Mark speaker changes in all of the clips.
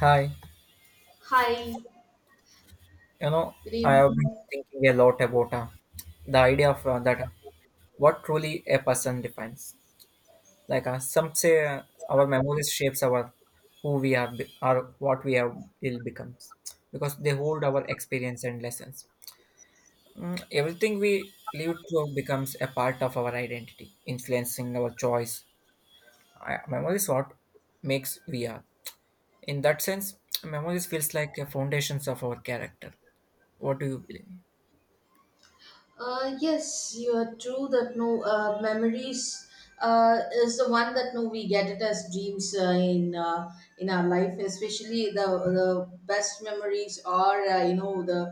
Speaker 1: Hi,
Speaker 2: Hi,
Speaker 1: you know,
Speaker 2: good
Speaker 1: I have been
Speaker 2: evening.
Speaker 1: thinking a lot about the idea of that what truly a person defines. Like some say, our memories shapes our who we are or what we have will becomes because they hold our experience and lessons. Everything we live through becomes a part of our identity, influencing our choice. Memories what makes we are. In that sense, memories feels like a foundations of our character. What do you believe?
Speaker 2: Yes, you are true that no memories is the one that no we get it as dreams in our life, especially the best memories or you know the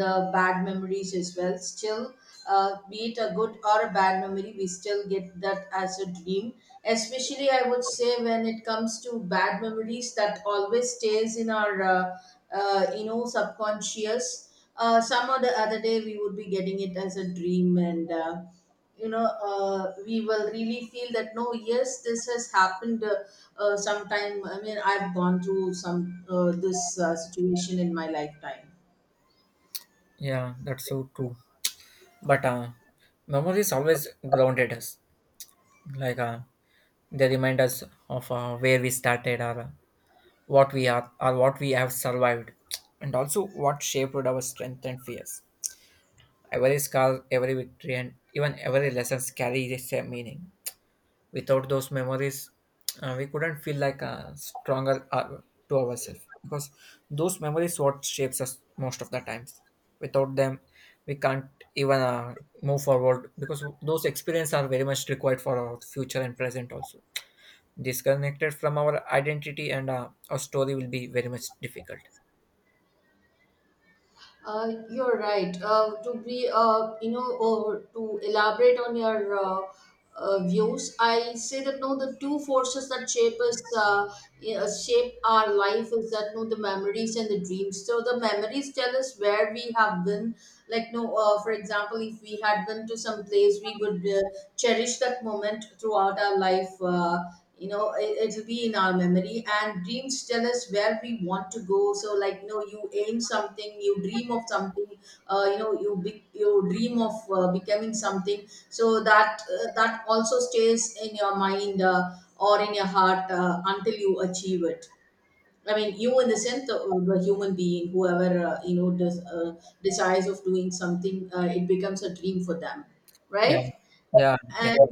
Speaker 2: the bad memories as well. Still, be it a good or a bad memory, we still get that as a dream. Especially, I would say, when it comes to bad memories that always stays in our, you know, subconscious. Some or the other day, we would be getting it as a dream, and you know, we will really feel that no, yes, this has happened. Sometime. I mean, I've gone through some this situation in my lifetime.
Speaker 1: Yeah, that's so true. But memories always grounded us. Like they remind us of where we started, or what we are, or what we have survived, and also what shaped our strength and fears. Every scar, every victory, and even every lessons carry the same meaning. Without those memories we couldn't feel like stronger to ourselves because those memories what shapes us most of the times without them we can't even move forward because those experiences are very much required for our future and present also disconnected from our identity and our story will be very much difficult.
Speaker 2: You're right. To be, you know, or to elaborate on your views, I say that no, the two forces that shape us, you shape our life is that no, the memories and the dreams. So the memories tell us where we have been like for example if we had been to some place we would cherish that moment throughout our life you know it'll be in our memory, and dreams tell us where we want to go. So like no, you aim something, you dream of something, you know you dream of becoming something, so that that also stays in your mind or in your heart until you achieve it. I mean, you in the sense the human being, whoever you know desires of doing something, it becomes a dream for them,
Speaker 1: Yeah,
Speaker 2: right?
Speaker 1: yeah,
Speaker 2: And
Speaker 1: definitely.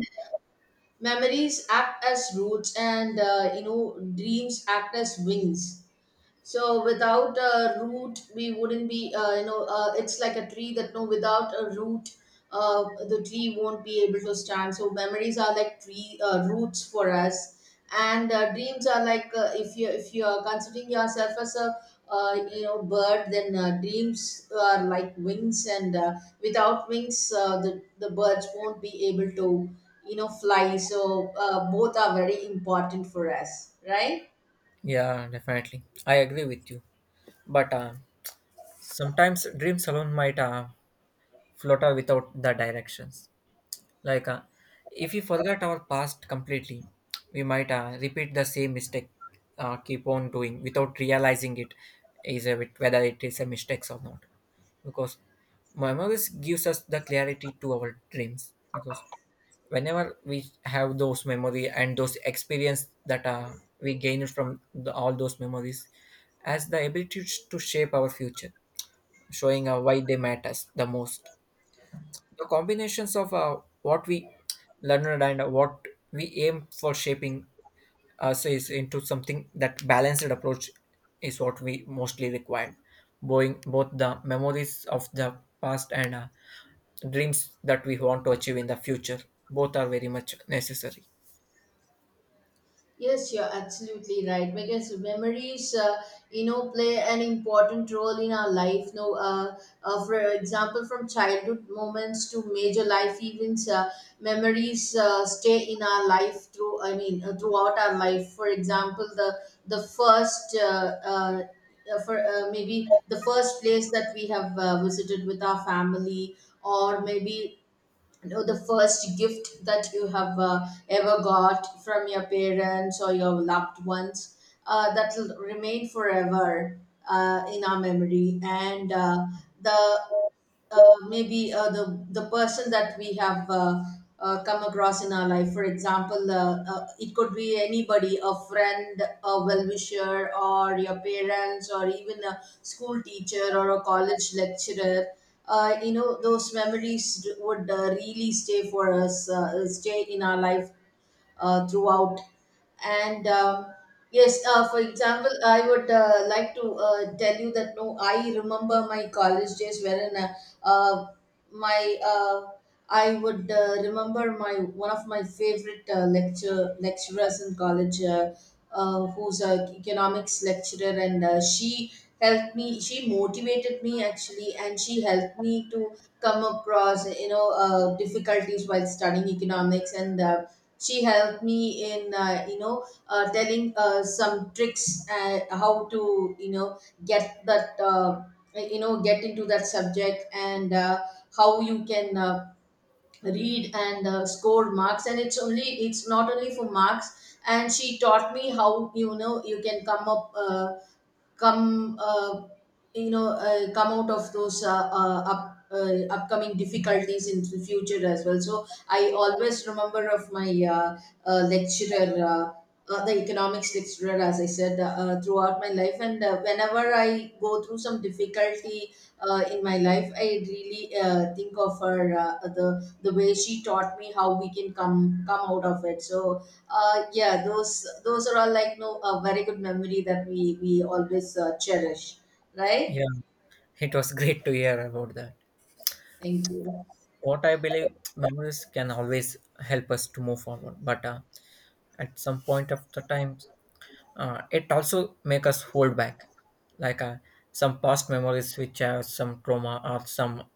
Speaker 2: memories act as roots, and you know dreams act as wings. So without a root, we wouldn't be, you know, it's like a tree that no, without a root, the tree won't be able to stand. So memories are like tree roots for us, and dreams are like if you are considering yourself as a you know bird, then dreams are like wings, and without wings, the birds won't be able to you know fly. So both are very important for us, right?
Speaker 1: Yeah, definitely, I agree with you. But sometimes dreams alone might flutter without the directions. Like, if we forget our past completely, we might repeat the same mistake, keep on doing without realizing it is a bit, whether it is a mistake or not. Because memories gives us the clarity to our dreams. Because whenever we have those memory and those experience that we gain from all those memories, as the ability to shape our future, showing why they matters the most. The combinations of what we learned and what we aim for shaping us is into something that balanced approach is what we mostly require. Bowing both the memories of the past and dreams that we want to achieve in the future, both are very much necessary.
Speaker 2: Yes, you're absolutely right because memories, you know, play an important role in our life. No, for example, from childhood moments to major life events, memories stay in our life through. I mean, throughout our life. For example, the first. For maybe the first place that we have visited with our family, or maybe know the first gift that you have ever got from your parents or your loved ones, that will remain forever in our memory. And the maybe the person that we have come across in our life. For example, it could be anybody, a friend, a well-wisher, or your parents, or even a school teacher or a college lecturer. You know, those memories would really stay for us, stay in our life throughout. And yes, for example, I would like to tell you that no, I remember my college days wherein uh, my I would remember my one of my favorite lecturers in college, who's a economics lecturer, and she helped me. She motivated me actually, and she helped me to come across you know difficulties while studying economics. And she helped me in you know telling some tricks how to you know get that you know get into that subject, and how you can read and score marks. And it's not only for marks, and she taught me how you know you can come up come you know come out of those up upcoming difficulties in the future as well. So I always remember of my lecturer the economics lecturer, as I said, throughout my life. And whenever I go through some difficulty in my life, I really think of her, the way she taught me how we can come out of it. So yeah, those are all like no a very good memory that we always cherish,
Speaker 1: Yeah,
Speaker 2: right?
Speaker 1: it was great to hear about that.
Speaker 2: Thank you.
Speaker 1: What I believe memories can always help us to move forward, but at some point of the time it also make us hold back. Like some past memories which have some trauma or some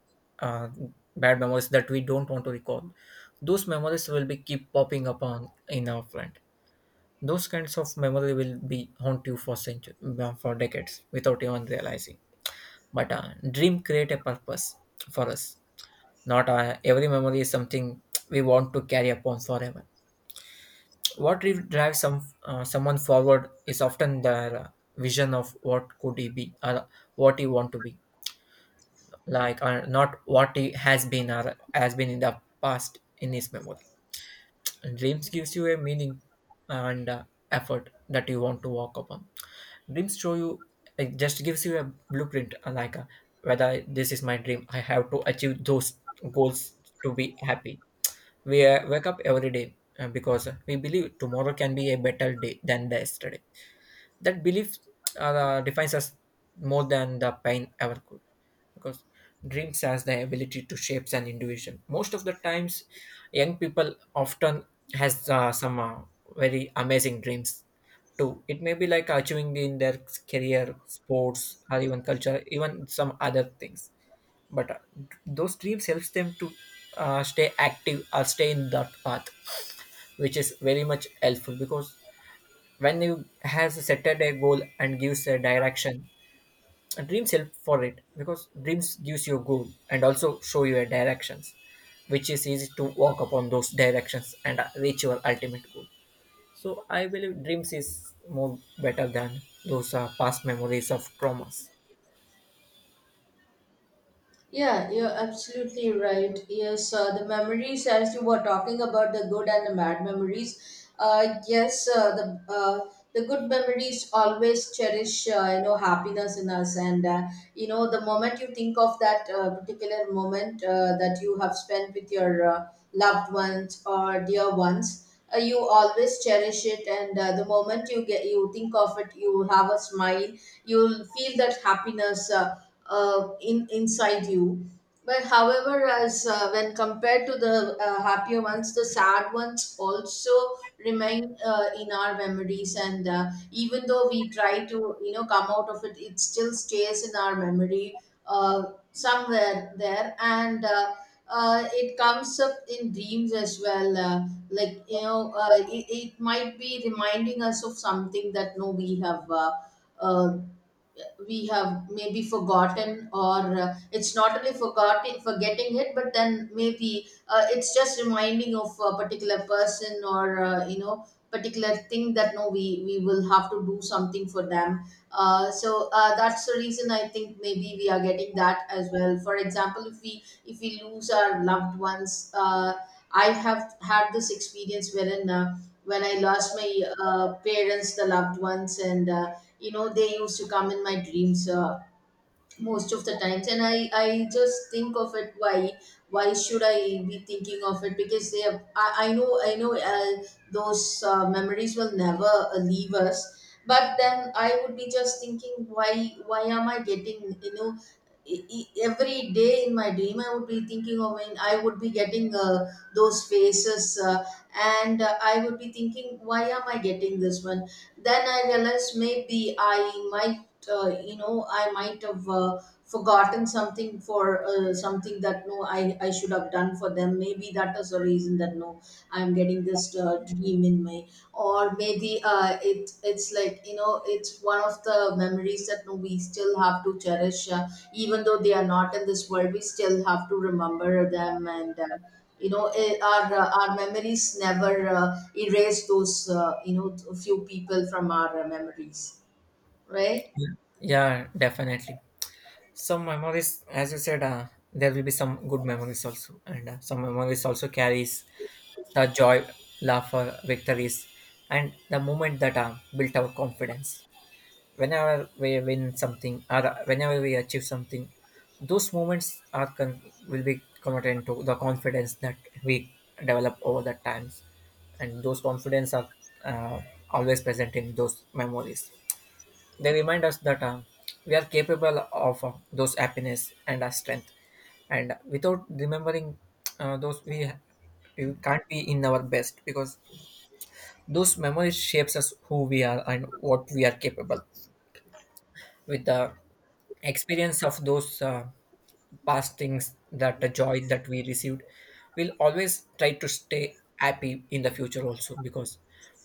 Speaker 1: uh, bad memories that we don't want to recall, those memories will be keep popping up on in our front. Those kinds of memory will be haunt you for century, for decades without even realizing. But dream create a purpose for us. Not every memory is something we want to carry upon forever. What drives someone forward is often their vision of what could he be or what he want to be, like not what he has been or has been in the past in his memory. Dreams gives you a meaning and effort that you want to walk upon. Dreams show you, it just gives you a blueprint, like whether this is my dream, I have to achieve those goals to be happy. We wake up every day because we believe tomorrow can be a better day than the yesterday. That belief defines us more than the pain ever could, because dreams has the ability to shape an individual. Most of the times, young people often has some very amazing dreams too. It may be like achieving in their career, sports, or even culture, even some other things. But those dreams helps them to stay active or stay in that path, which is very much helpful because when you has a set a goal and gives a direction, dreams help for it because dreams gives you a goal and also show you a directions, which is easy to walk upon those directions and reach your ultimate goal. So I believe dreams is more better than those past memories of traumas.
Speaker 2: Yeah, you're absolutely right. Yes, the memories, as you were talking about the good and the bad memories, yes, the good memories always cherish, you know, happiness in us. And, you know, the moment you think of that particular moment that you have spent with your loved ones or dear ones, you always cherish it. And the moment you get, you think of it, you have a smile, you'll feel that happiness. In inside you. But however, as when compared to the happier ones, the sad ones also remain in our memories. And even though we try to, you know, come out of it, it still stays in our memory somewhere there. And it comes up in dreams as well. Like you know, it, it might be reminding us of something that no, uh, we have maybe forgotten, or it's not only forgotten forgetting it, but then maybe it's just reminding of a particular person or you know particular thing that no we will have to do something for them. That's the reason I think maybe we are getting that as well. For example, if we lose our loved ones, I have had this experience wherein when I lost my parents, the loved ones, and you know they used to come in my dreams most of the times. And I just think of it, why should I be thinking of it, because they have I know those memories will never leave us. But then I would be just thinking why am I getting you know every day in my dream I would be thinking of when I would be getting those faces, and I would be thinking why am I getting this one. Then I realized maybe I my you know I might have forgotten something for something that no I should have done for them. Maybe that is the reason that no I'm getting this dream in my, or maybe it it's like you know it's one of the memories that no we still have to cherish even though they are not in this world. We still have to remember them, and you know eh, our memories never erase those you know few people from our memories, right.
Speaker 1: Yeah, definitely. Some memories, as you said, there will be some good memories also, and some memories also carries the joy, laughter, victories, and the moment that built our confidence. Whenever we win something or whenever we achieve something, those moments are will be converted into the confidence that we develop over the times, and those confidence are uh, always present in those memories. They remind us that we are capable of those happiness and our strength. And without remembering those, we can't be in our best because those memories shapes us who we are and what we are capable. With the experience of those past things, that the joy that we received, we'll always try to stay happy in the future also because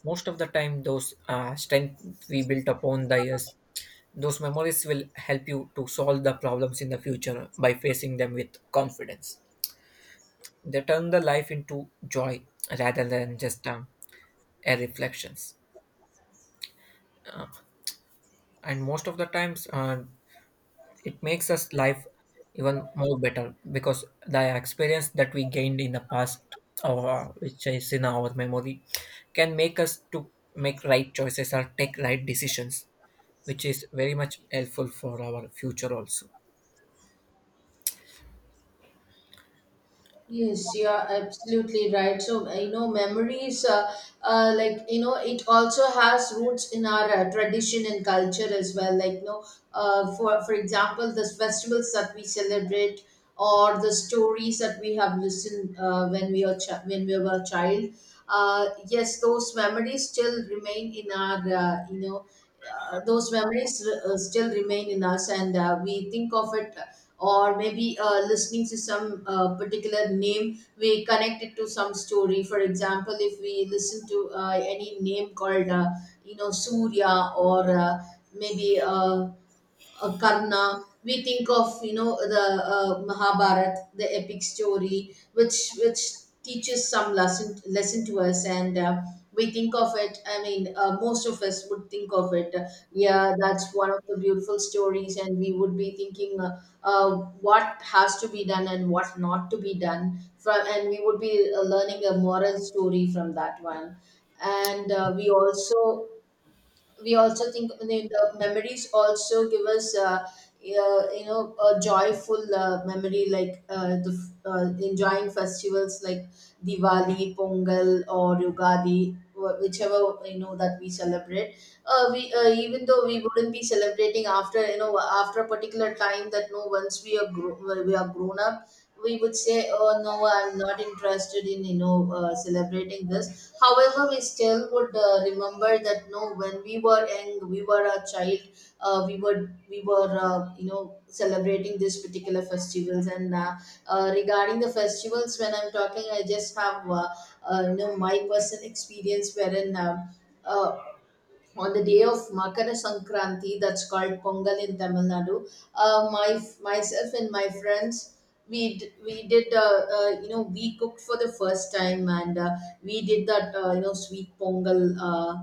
Speaker 1: most of the time those strength we built upon the years. Those memories will help you to solve the problems in the future by facing them with confidence. They turn the life into joy rather than just a reflections. Uh, and most of the times, it makes us life even more better because the experience that we gained in the past, or which is in our memory, can make us to make right choices or take right decisions, which is very much helpful for our future also.
Speaker 2: Yes, you are absolutely right. So, you know, memories, like, you know, it also has roots in our tradition and culture as well. Like, you know, for example, the festivals that we celebrate or the stories that we have listened when we are when we were a child, yes those memories still remain in our those memories still remain in us. And we think of it, or maybe listening to some particular name we connect it to some story. For example, if we listen to any name called you know Surya, or maybe Karna, we think of you know the Mahabharat, the epic story, which teaches some lesson to us, and we think of it. I mean, most of us would think of it. Yeah, that's one of the beautiful stories, and we would be thinking what has to be done and what not to be done from, and we would be learning a moral story from that one. And we also think the memories also give us you know a joyful memory like enjoying festivals like Diwali, Pongal, or Yugadi, whichever you know that we celebrate. We even though we wouldn't be celebrating after you know after a particular time that no once we are we are grown up, we would say, "Oh no, I'm not interested in you know celebrating this." However, we still would remember that no, when we were young, we were a child. We were celebrating these particular festivals and regarding the festivals when I'm talking I just have my personal experience wherein uh, on the day of Makara Sankranti, that's called Pongal in Tamil Nadu. My myself and my friends, we did we cooked for the first time and we did that sweet Pongal. Uh,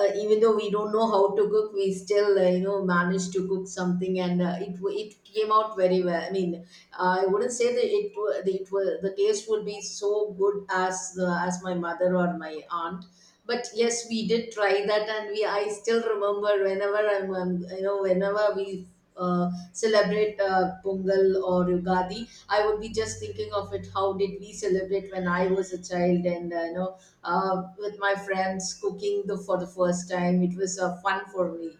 Speaker 2: uh, Even though we don't know how to cook, we still managed to cook something, and it came out very well. I mean, I wouldn't say that that it was, the taste would be so good as as my mother or my aunt, but yes, we did try that, and we I still remember whenever I'm you know whenever we celebrate Pongal or Ugadi, I would be just thinking of it, how did we celebrate when I was a child. And with my friends cooking the for the first time, it was fun for me.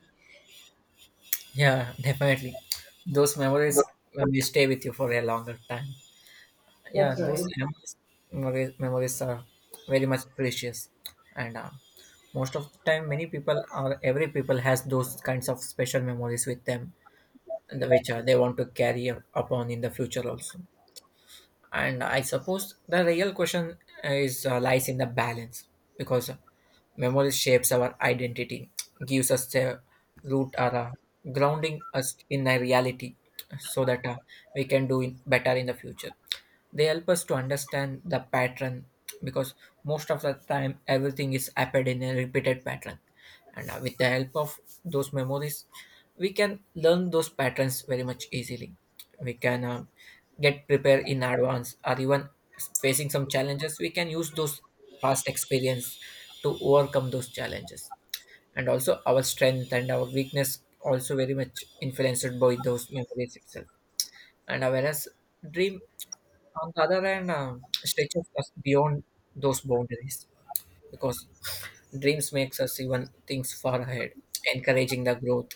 Speaker 1: Yeah, definitely. Those memories will stay with you for a longer time. Yeah,
Speaker 2: That's
Speaker 1: those
Speaker 2: right.
Speaker 1: memories, memories are very much precious, and most of the time, many people or every people has those kinds of special memories with them, and which they want to upon in the future also. And I suppose the real question is lies in the balance because memory shapes our identity, gives us a root or grounding us in a reality so that we can do in better in the future. They help us to understand the pattern because most of the time everything is appeared in a repeated pattern. And with the help of those memories, we can learn those patterns very much easily. We can get prepared in advance or even facing some challenges, we can use those past experience to overcome those challenges. And also our strength and our weakness also very much influenced by those memories itself. And whereas dream on the other hand, stretches us beyond those boundaries because dreams makes us even things far ahead, encouraging the growth.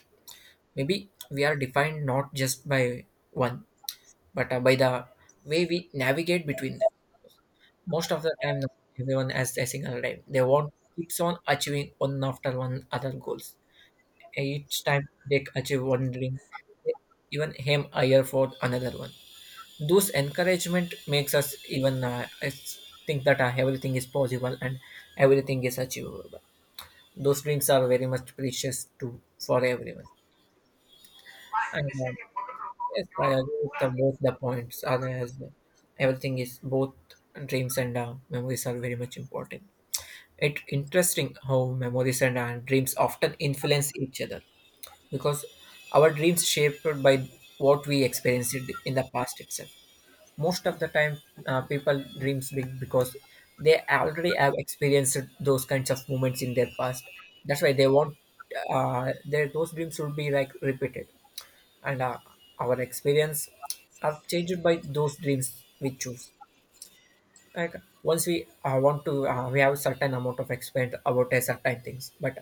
Speaker 1: Maybe we are defined not just by one, but by the way we navigate between them. Most of the time, everyone has a single life. They want keeps on achieving one after one other goals. Each time they achieve one dream, they even aim higher for another one. Those encouragement makes us even think that everything is possible and everything is achievable. Those dreams are very much precious to for everyone. And yes, I agree with both the points are as everything is both dreams and memories are very much important. It's interesting how memories and dreams often influence each other because our dreams shaped by what we experienced in the past itself. Most of the time, people dreams big because they already have experienced those kinds of moments in their past. That's why they want their those dreams should be like repeated, and our experience are changed by those dreams we choose. Like once we want to, we have certain amount of experience about a certain things, but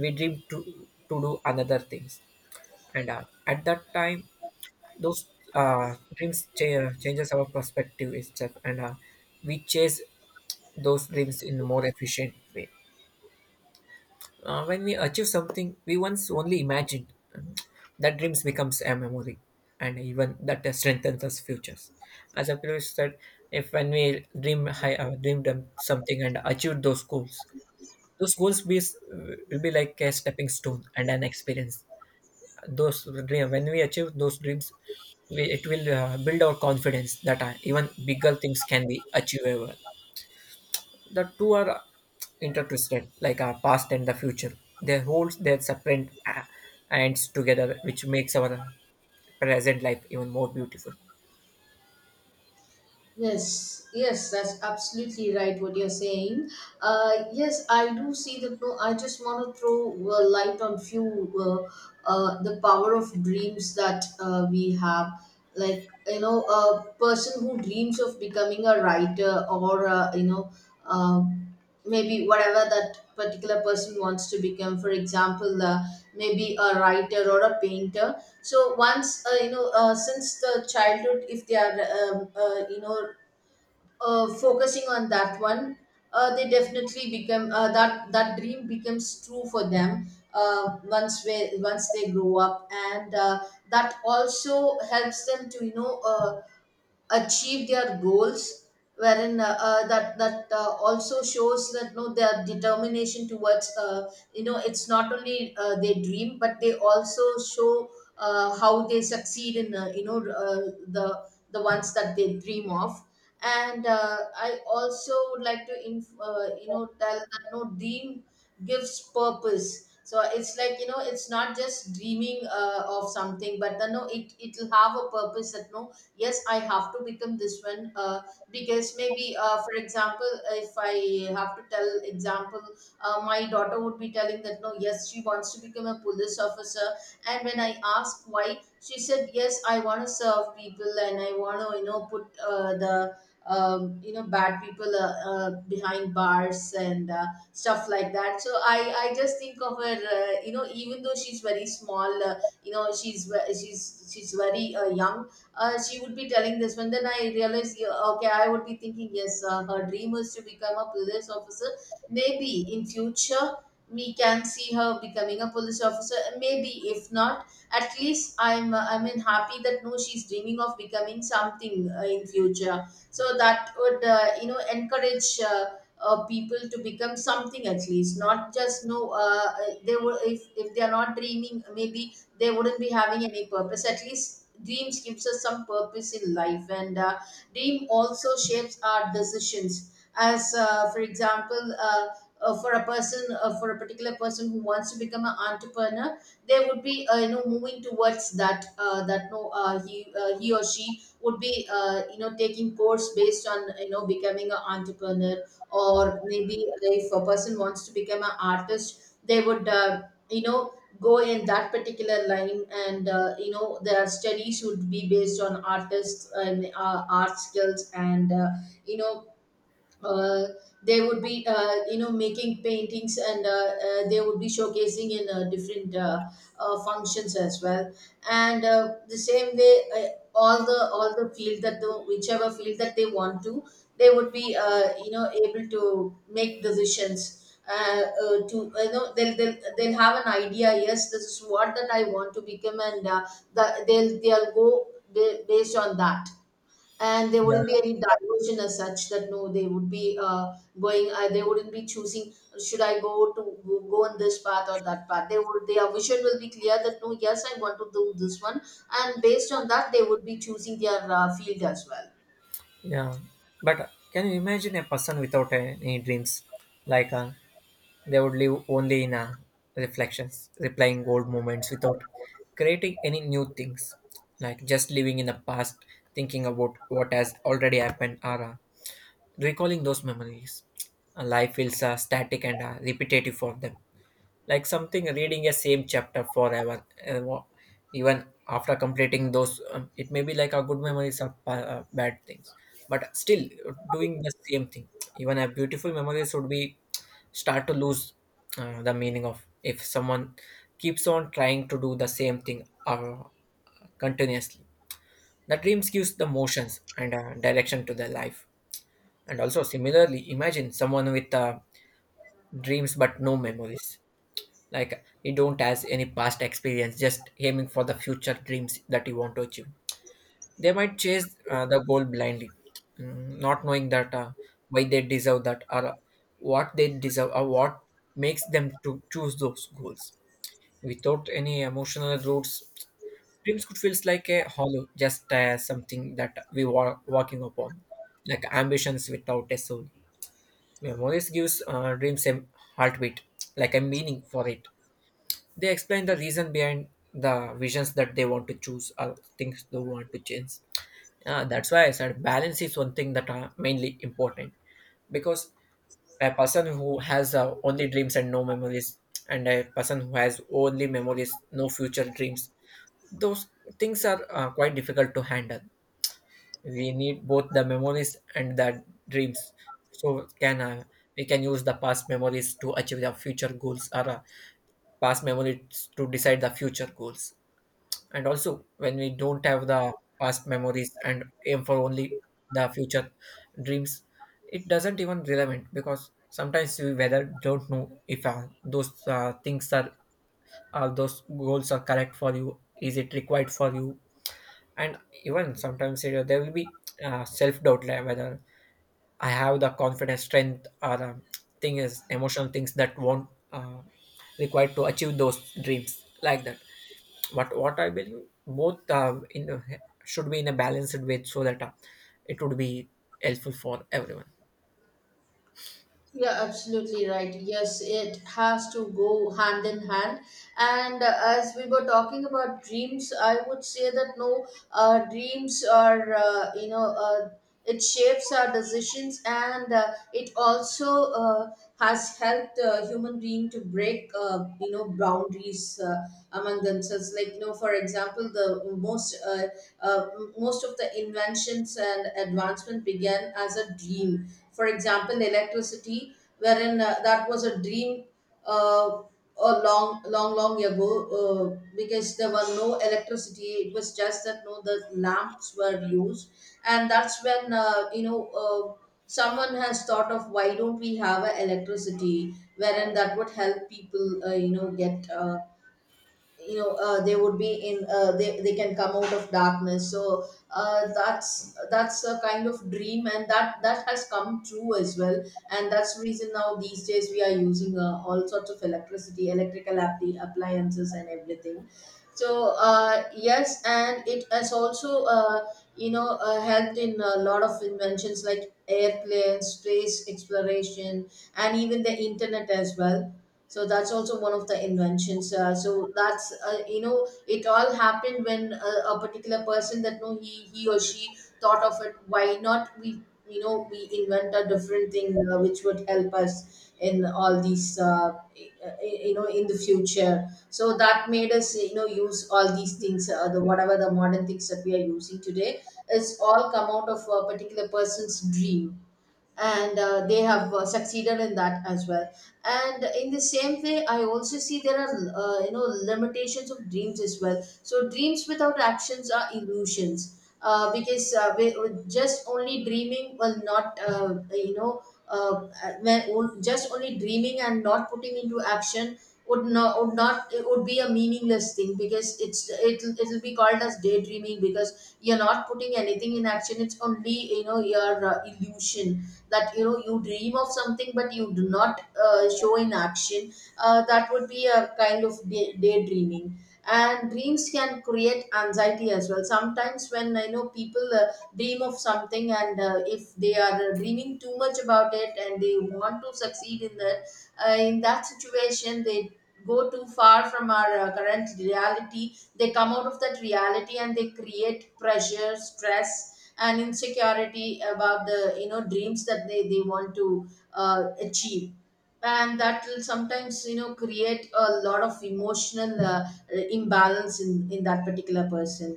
Speaker 1: we dream to do another things, and at that time those changes our perspective itself and we chase those dreams in a more efficient way. When we achieve something we once only imagined, that dreams becomes a memory, and even that strengthens us futures. As I previously said, if when we dream high dreamed something and achieved those goals, those will be like a stepping stone and an experience. Those dream, when we achieve those dreams, it will build our confidence that even bigger things can be achievable. The two are intertwisted like our past and the future. They hold their separate ends together which makes our present life even more beautiful.
Speaker 2: Yes, yes, that's absolutely right what you're saying. Yes, I do see that. No, I just want to throw light on few the power of dreams that we have. Like, you know, a person who dreams of becoming a writer or, um, maybe whatever that particular person wants to become. For example, maybe a writer or a painter. So once, since the childhood, if they are focusing on that one, they definitely become that, that dream becomes true for them. Once once they grow up, and that also helps them to achieve their goals, wherein that also shows that no, their determination towards, it's not only they dream, but they also show how they succeed in the ones that they dream of. And I also would like to tell that no, dream gives purpose. So it's like, you know, it's not just dreaming of something, but then no, it it'll have a purpose that no, yes, I have to become this one. Because maybe, for example, if I have to tell example, my daughter would be telling that no, yes, she wants to become a police officer. And when I asked why, she said, yes, I want to serve people, and I want to, you know, put the, bad people behind bars and stuff like that. So I just think of her, even though she's very small, you know she's ve- she's she's very young. She would be telling this one. Then I realized, yeah, okay, I would be thinking, yes, her dream is to become a police officer. Maybe in future we can see her becoming a police officer. Maybe if not, at least I'm I mean happy that no, she's dreaming of becoming something in future. So that would, encourage people to become something. At least, not just no, they will, if they are not dreaming, maybe they wouldn't be having any purpose. At least dreams gives us some purpose in life. And dream also shapes our decisions, as for example, for a particular person who wants to become an entrepreneur, they would be moving towards that that no he he or she would be taking course based on, you know, becoming an entrepreneur. Or maybe if a person wants to become an artist, they would, you know go in that particular line, and their study should be based on artists and art skills, and you know uh, they would be making paintings, and they would be showcasing in different functions as well. And the same way, all the field that the whichever field that they want to, they would be able to make decisions to, you know, they'll have an idea, yes, this is what that I want to become. And they'll go based on that, and there
Speaker 1: Yeah,
Speaker 2: wouldn't be any diversion as such that no, they would be going, they wouldn't be choosing, should I go to go on this path or that path. They would, their vision will be clear that no, yes, I want to do this one, and based on that they would be choosing their field as well.
Speaker 1: yeah. But can you imagine a person without any dreams? Like they would live only in reflections, replying old moments without creating any new things, like just living in the past, thinking about what has already happened or recalling those memories. Life feels static and repetitive for them, like something reading a same chapter forever even after completing those, it may be like a good memories or bad things, but still doing the same thing. Even a beautiful memories would be start to lose the meaning of if someone keeps on trying to do the same thing continuously. The dreams gives the motions and direction to their life. And also similarly, imagine someone with dreams but no memories, like he don't has any past experience, just aiming for the future dreams that he want to achieve. They might chase the goal blindly, not knowing that why they deserve that or what they deserve or what makes them to choose those goals. Without any emotional roots, dreams could feels like a hollow, just something that we were working upon, like ambitions without a soul. Memories gives dreams a heartbeat, like a meaning for it. They explain the reason behind the visions that they want to choose or things they want to change. Yeah, that's why I said balance is one thing that are mainly important because a person who has only dreams and no memories, and a person who has only memories no future dreams, those things are quite difficult to handle. We need both the memories and the dreams. So can we can use the past memories to achieve the future goals or past memories to decide the future goals. And also when we don't have the past memories and aim for only the future dreams, it doesn't even relevant because sometimes we whether don't know if those things are those goals are correct for you, is it required for you. And even sometimes, you know, there will be self doubt, like whether I have the confidence strength or thing is emotional things that won't required to achieve those dreams, like that. What I believe both, should be in a balanced way so that it would be helpful for everyone.
Speaker 2: You're absolutely right. Yes, it has to go hand in hand. And as we were talking about dreams, I would say that no, dreams are, it shapes our decisions, and it also has helped human being to break, boundaries among themselves. Like, you know, for example, the most, uh, most of the inventions and advancement began as a dream. For example, electricity, wherein that was a dream uh, a long, long, long ago, because there were no electricity. It was just that no, the lamps were used, and that's when, someone has thought of, why don't we have a electricity, wherein that would help people get, they would be in, they can come out of darkness. So that's a kind of dream, and that has come true as well. And that's the reason now these days we are using all sorts of electricity electrical appliances and everything. So yes, and it has also helped in a lot of inventions like airplanes, space exploration, and even the internet as well. So that's also one of the inventions. So that's, it all happened when a particular person, that no, he or she thought of it, why not we, you know, we invent a different thing, which would help us in all these, in the future. So that made us, you know, use all these things, the whatever the modern things that we are using today, is all come out of a particular person's dream, and they have succeeded in that as well. And in the same way, I also see there are uh, you know limitations of dreams as well. So dreams without actions are illusions, because with just only dreaming will not, uh, when just only dreaming and not putting into action would not, it would be a meaningless thing, because it'll be called as daydreaming, because you're not putting anything in action. It's only, you know, your illusion that, you know, you dream of something but you do not show in action. That would be a kind of daydreaming. And dreams can create anxiety as well sometimes, when I know people dream of something, and if they are dreaming too much about it and they want to succeed in that, in that situation, they go too far from our current reality, they come out of that reality, and they create pressure, stress, and insecurity about the, you know, dreams that they want to achieve. And that will sometimes, you know, create a lot of emotional imbalance in that particular person.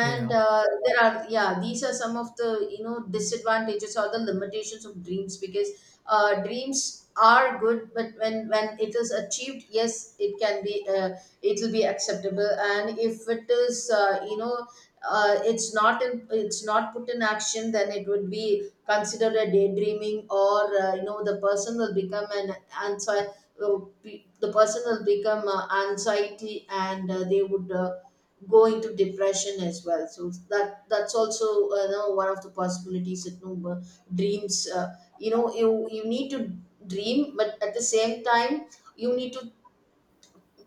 Speaker 1: Yeah,
Speaker 2: there are, yeah, these are some of the, you know, disadvantages or the limitations of dreams. Because dreams are good, but when it is achieved, yes, it can be, it will be acceptable. And if it is it's not put in action, then it would be considered a daydreaming. Or the person will become an anxiety, the person will become anxiety, and they would go into depression as well. So that's also one of the possibilities, that no, dreams, you need to dream, but at the same time you need to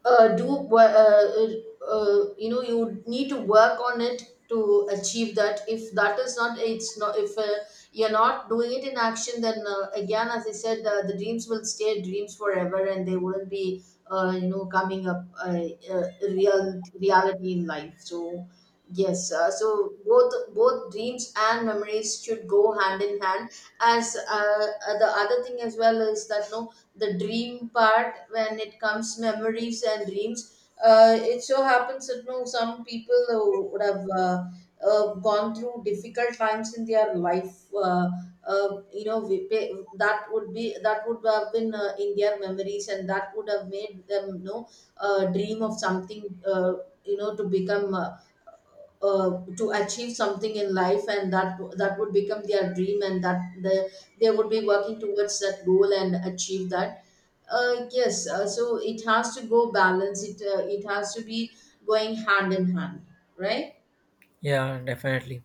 Speaker 2: do wo- you know you need to work on it to achieve that. If that is not, it's not, if you're not doing it in action, then again, as I said, the dreams will stay dreams forever, and they wouldn't be coming up real reality in life. So yes, so both dreams and memories should go hand in hand. As the other thing as well is that no, the dream part, when it comes memories and dreams, it so happens that no, some people would have gone through difficult times in their life. That would be that would have been in their memories, and that would have made them no, dream of something. You know, to become. To achieve something in life, and that would become their dream, and that they would be working towards that goal and achieve that. Yes, so it has to go balance it, it has to be going hand in hand, right?
Speaker 1: yeah, definitely.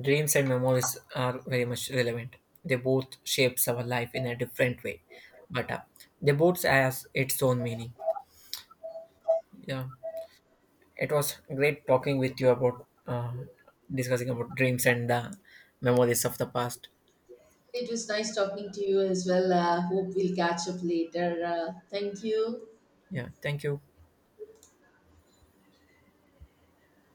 Speaker 1: Dreams and memories are very much relevant. They both shapes our life in a different way, but they both has its own meaning. Yeah, it was great talking with you about discussing about dreams and the memories of the past.
Speaker 2: It was nice talking to you as well. Hope we'll catch up later. Thank you.
Speaker 1: Yeah, thank you.